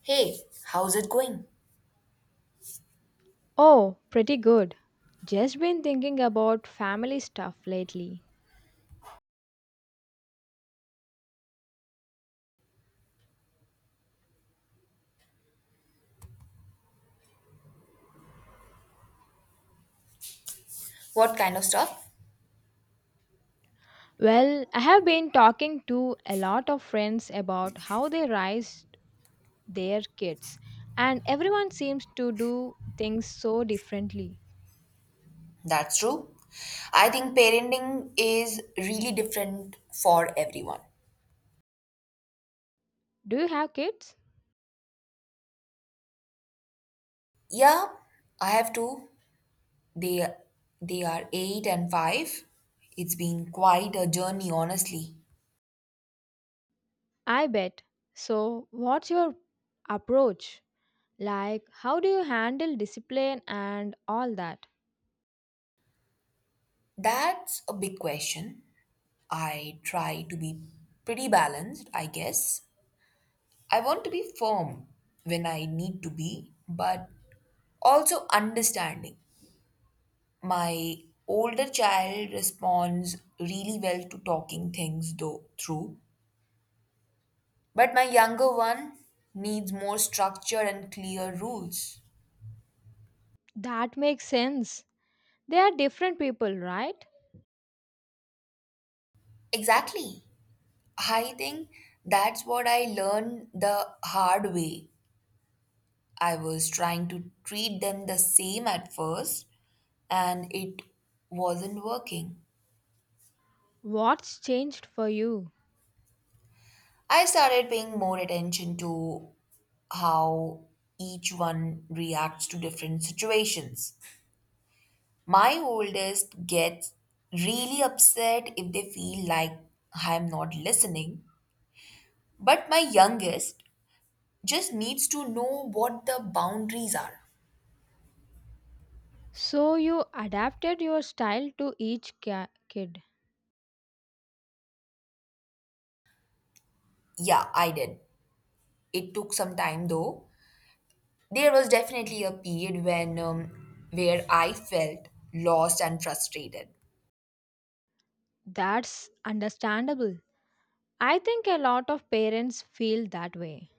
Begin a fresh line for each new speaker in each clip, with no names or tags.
Hey, how's it going?
Oh, pretty good. Just been thinking about family stuff lately.
What kind of stuff?
Well, I have been talking to a lot of friends about how they raised their kids, and everyone seems to do things so differently.
That's true. I think parenting is really different for everyone.
Do you have kids?
Yeah, I have two. They they are 8 and 5. It's been quite a journey, honestly.
I bet. So, what's your approach? Like, how do you handle discipline and all that?
That's a big question. I try to be pretty balanced, I guess. I want to be firm when I need to be, but also understanding. My older child responds really well to talking things though through, but my younger one needs more structure and clear rules.
That makes sense. They are different people, right?
Exactly. I think that's what I learned the hard way. I was trying to treat them the same at first, and it wasn't working.
What's changed for you?
I started paying more attention to how each one reacts to different situations. My oldest gets really upset if they feel like I'm not listening, but my youngest just needs to know what the boundaries are.
So you adapted your style to each kid.
Yeah, I did. It took some time though. There was definitely a period when where I felt lost and frustrated.
That's understandable. I think a lot of parents feel that way.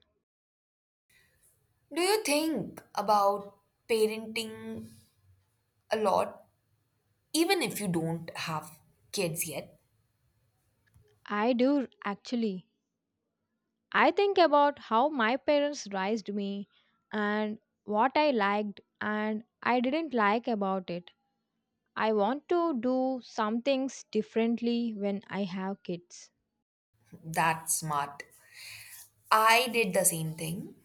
Do you think about parenting a lot even if you don't have kids yet?
I do actually. I think about how my parents raised me and what I liked and I didn't like about it. I want to do some things differently when I have kids.
That's smart. I did the same thing.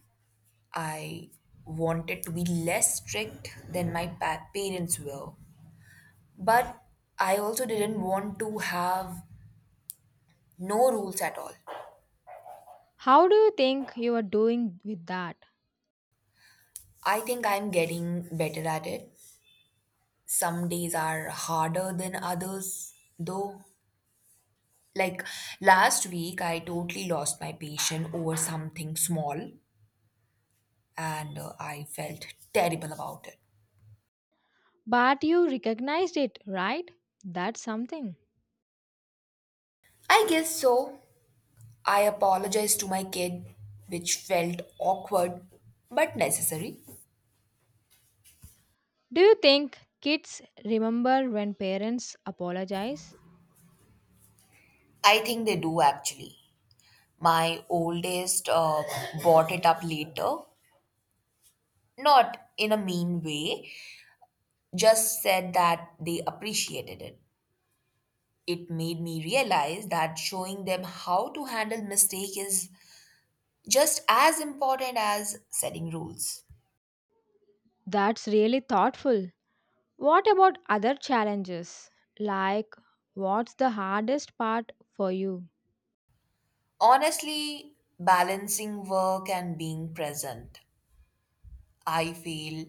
I wanted to be less strict than parents were, but I also didn't want to have no rules at all.
How do you think you are doing with that?
I think I'm getting better at it. Some days are harder than others, though. Like last week, I totally lost my patience over something small and I felt terrible about it.
But you recognized it, right? That's something.
I guess so. I apologized to my kid, which felt awkward but necessary.
Do you think kids remember when parents apologize?
I think they do actually. My oldest bought it up later, not in a mean way, just said that they appreciated it. It made me realize that showing them how to handle mistake is just as important as setting rules.
That's really thoughtful. What about other challenges? Like, what's the hardest part for you?
Honestly, balancing work and being present. I feel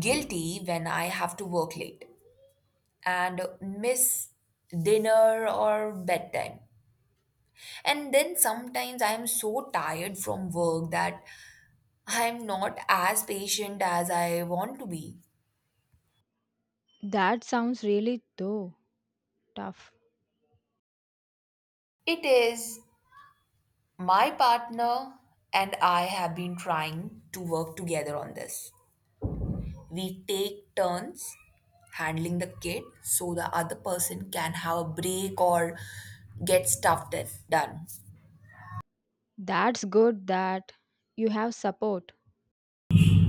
guilty when I have to work late and miss dinner or bedtime. And then sometimes I am so tired from work that I am not as patient as I want to be.
That sounds really though tough.
It is. My partner and I have been trying to work together on this. We take turns handling the kid so the other person can have a break or get done.
That's good that you have support.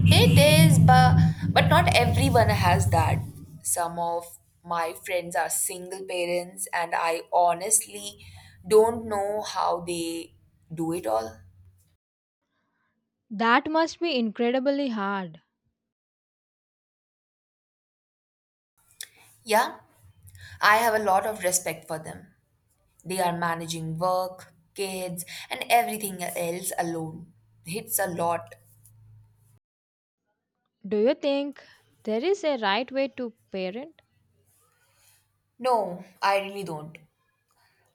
It is, but not everyone has that. Some of my friends are single parents, and I honestly don't know how they do it all.
That must be incredibly hard.
Yeah, I have a lot of respect for them. They are managing work, kids, and everything else alone. It's a lot.
Do you think there is a right way to parent?
No, I really don't.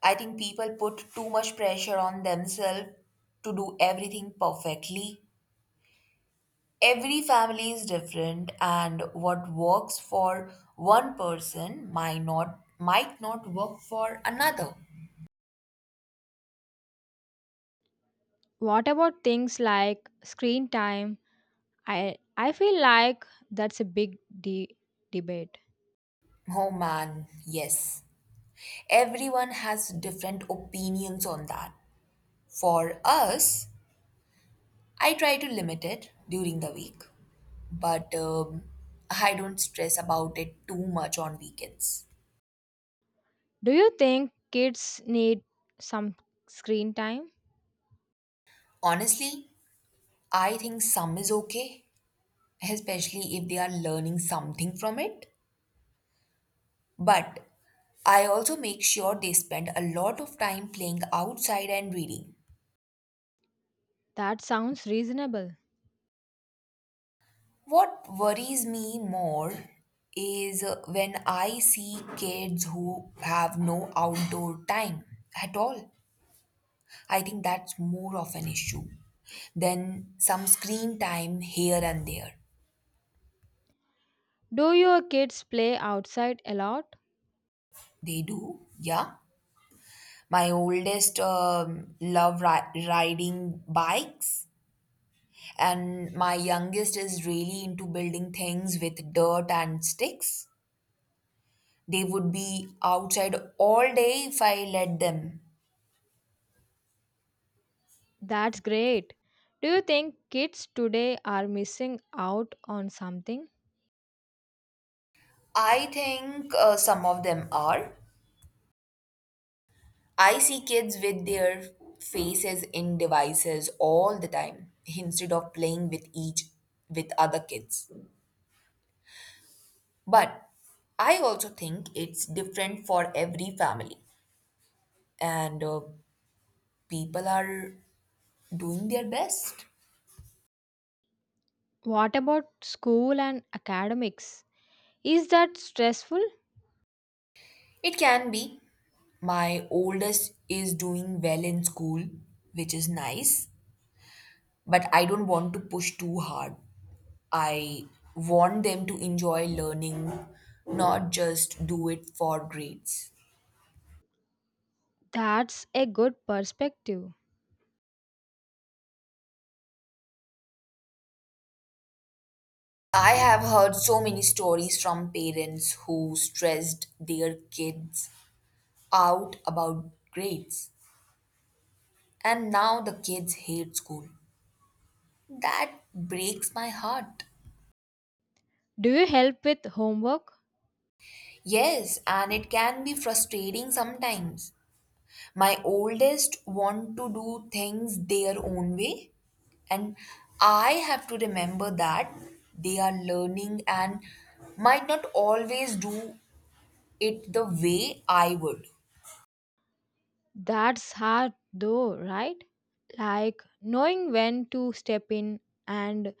I think people put too much pressure on themselves to do everything perfectly. Every family is different, and what works for one person might not work for another.
What about things like screen time? I feel like that's a big de- debate.
Oh man, yes. Everyone has different opinions on that. For us, I try to limit it during the week, but I don't stress about it too much on weekends.
Do you think kids need some screen time?
Honestly, I think some is okay, especially if they are learning something from it. But I also make sure they spend a lot of time playing outside and reading.
That sounds reasonable.
What worries me more is when I see kids who have no outdoor time at all. I think that's more of an issue than some screen time here and there.
Do your kids play outside a lot?
They do, yeah. My oldest riding bikes and my youngest is really into building things with dirt and sticks. They would be outside all day if I let them.
That's great. Do you think kids today are missing out on something?
I think some of them are. I see kids with their faces in devices all the time instead of playing with each with other kids. But I also think it's different for every family and people are doing their best.
What about school and academics? Is that stressful?
It can be. My oldest is doing well in school, which is nice, but I don't want to push too hard. I want them to enjoy learning, not just do it for grades.
That's a good perspective.
I have heard so many stories from parents who stressed their kids out about grades, and now the kids hate school. That breaks my heart.
Do you help with homework?
Yes, and it can be frustrating sometimes. My oldest want to do things their own way, and I have to remember that they are learning and might not always do it the way I would.
That's hard though, right? Like knowing when to step in and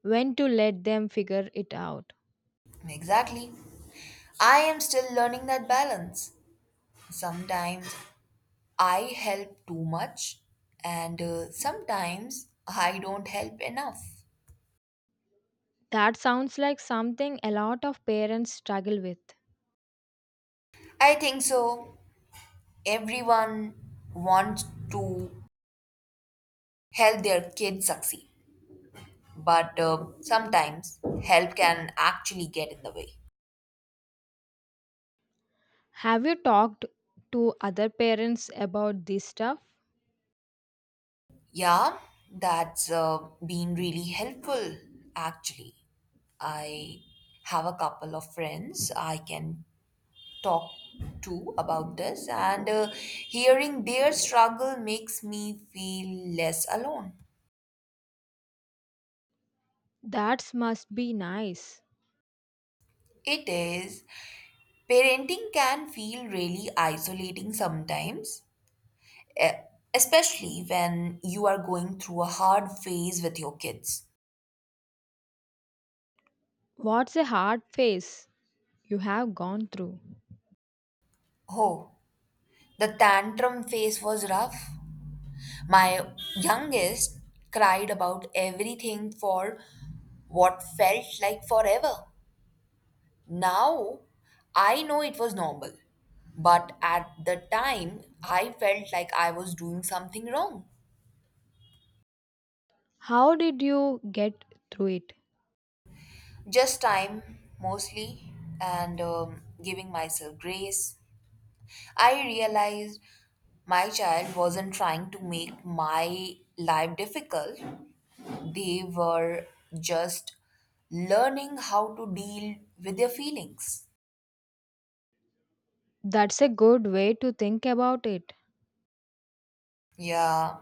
when to let them figure it out.
Exactly. I am still learning that balance. Sometimes I help too much, and sometimes I don't help enough.
That sounds like something a lot of parents struggle with.
I think so. Everyone wants to help their kids succeed, but sometimes help can actually get in the way.
Have you talked to other parents about this stuff?
Yeah, that's been really helpful actually. I have a couple of friends I can talk to about this, and hearing their struggle makes me feel less alone.
That must be nice.
It is. Parenting can feel really isolating sometimes, e- especially when you are going through a hard phase with your kids.
What's a hard phase you have gone through?
Oh, the tantrum phase was rough. My youngest cried about everything for what felt like forever. Now I know it was normal, but at the time I felt like I was doing something wrong.
How did you get through it?
Just time, mostly, and giving myself grace. I realized my child wasn't trying to make my life difficult. They were just learning how to deal with their feelings.
That's a good way to think about it.
Yeah,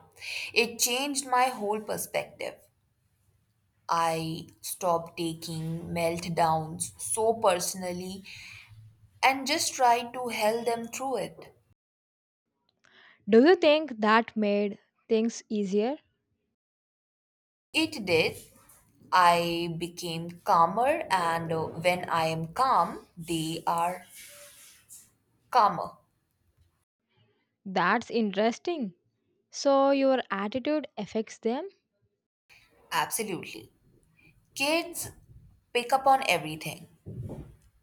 it changed my whole perspective. I stopped taking meltdowns so personally and just tried to help them through it.
Do you think that made things easier?
It did. I became calmer, and when I am calm, they are calmer.
That's interesting. So, your attitude affects them?
Absolutely. Kids pick up on everything.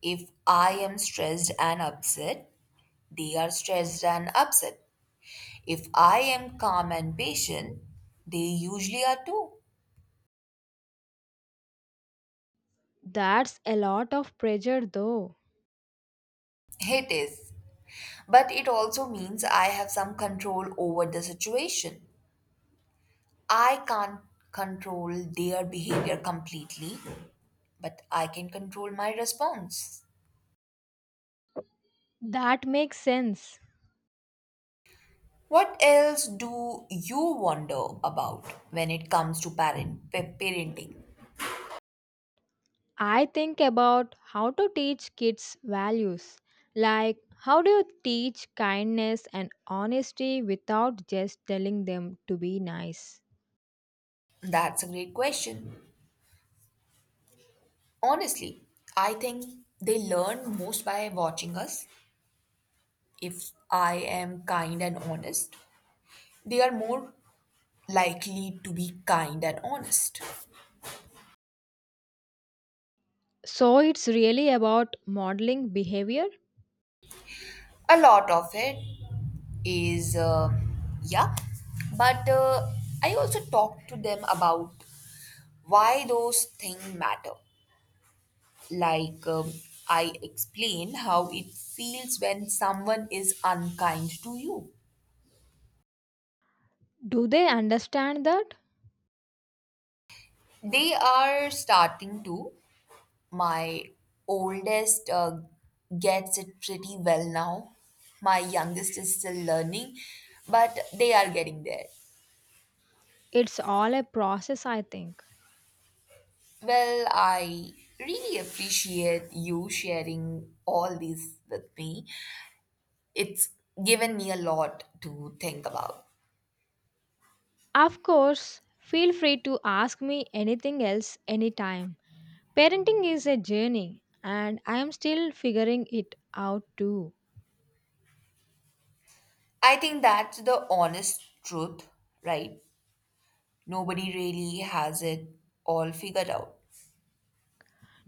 If I am stressed and upset, they are stressed and upset. If I am calm and patient, they usually are too.
That's a lot of pressure, though.
It is. But it also means I have some control over the situation. I can't control their behavior completely, but I can control my response.
That makes sense.
What else do you wonder about when it comes to parenting?
I think about how to teach kids values. Like, how do you teach kindness and honesty without just telling them to be nice?
That's a great question. Honestly, I think they learn most by watching us. If I am kind and honest, they are more likely to be kind and honest.
So, it's really about modeling behavior.
A lot of it is, yeah, but I also talk to them about why those things matter. Like, um, I explain how it feels when someone is unkind to you.
Do they understand that?
They are starting to. My oldest gets it pretty well now. My youngest is still learning, but they are getting there.
It's all a process, I think.
Well, I really appreciate you sharing all these with me. It's given me a lot to think about.
Of course, feel free to ask me anything else anytime. Parenting is a journey, and I am still figuring it out too.
I think that's the honest truth, right? Nobody really has it all figured out.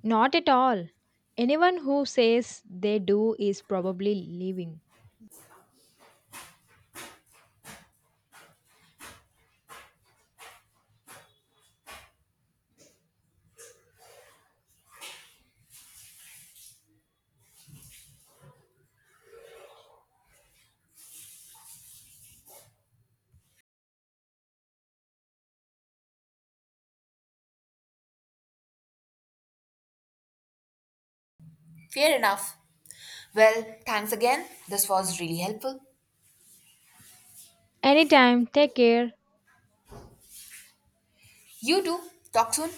Not at all. Anyone who says they do is probably leaving.
Fair enough. Well, thanks again. This was really helpful.
Anytime, take care.
You too. Talk soon.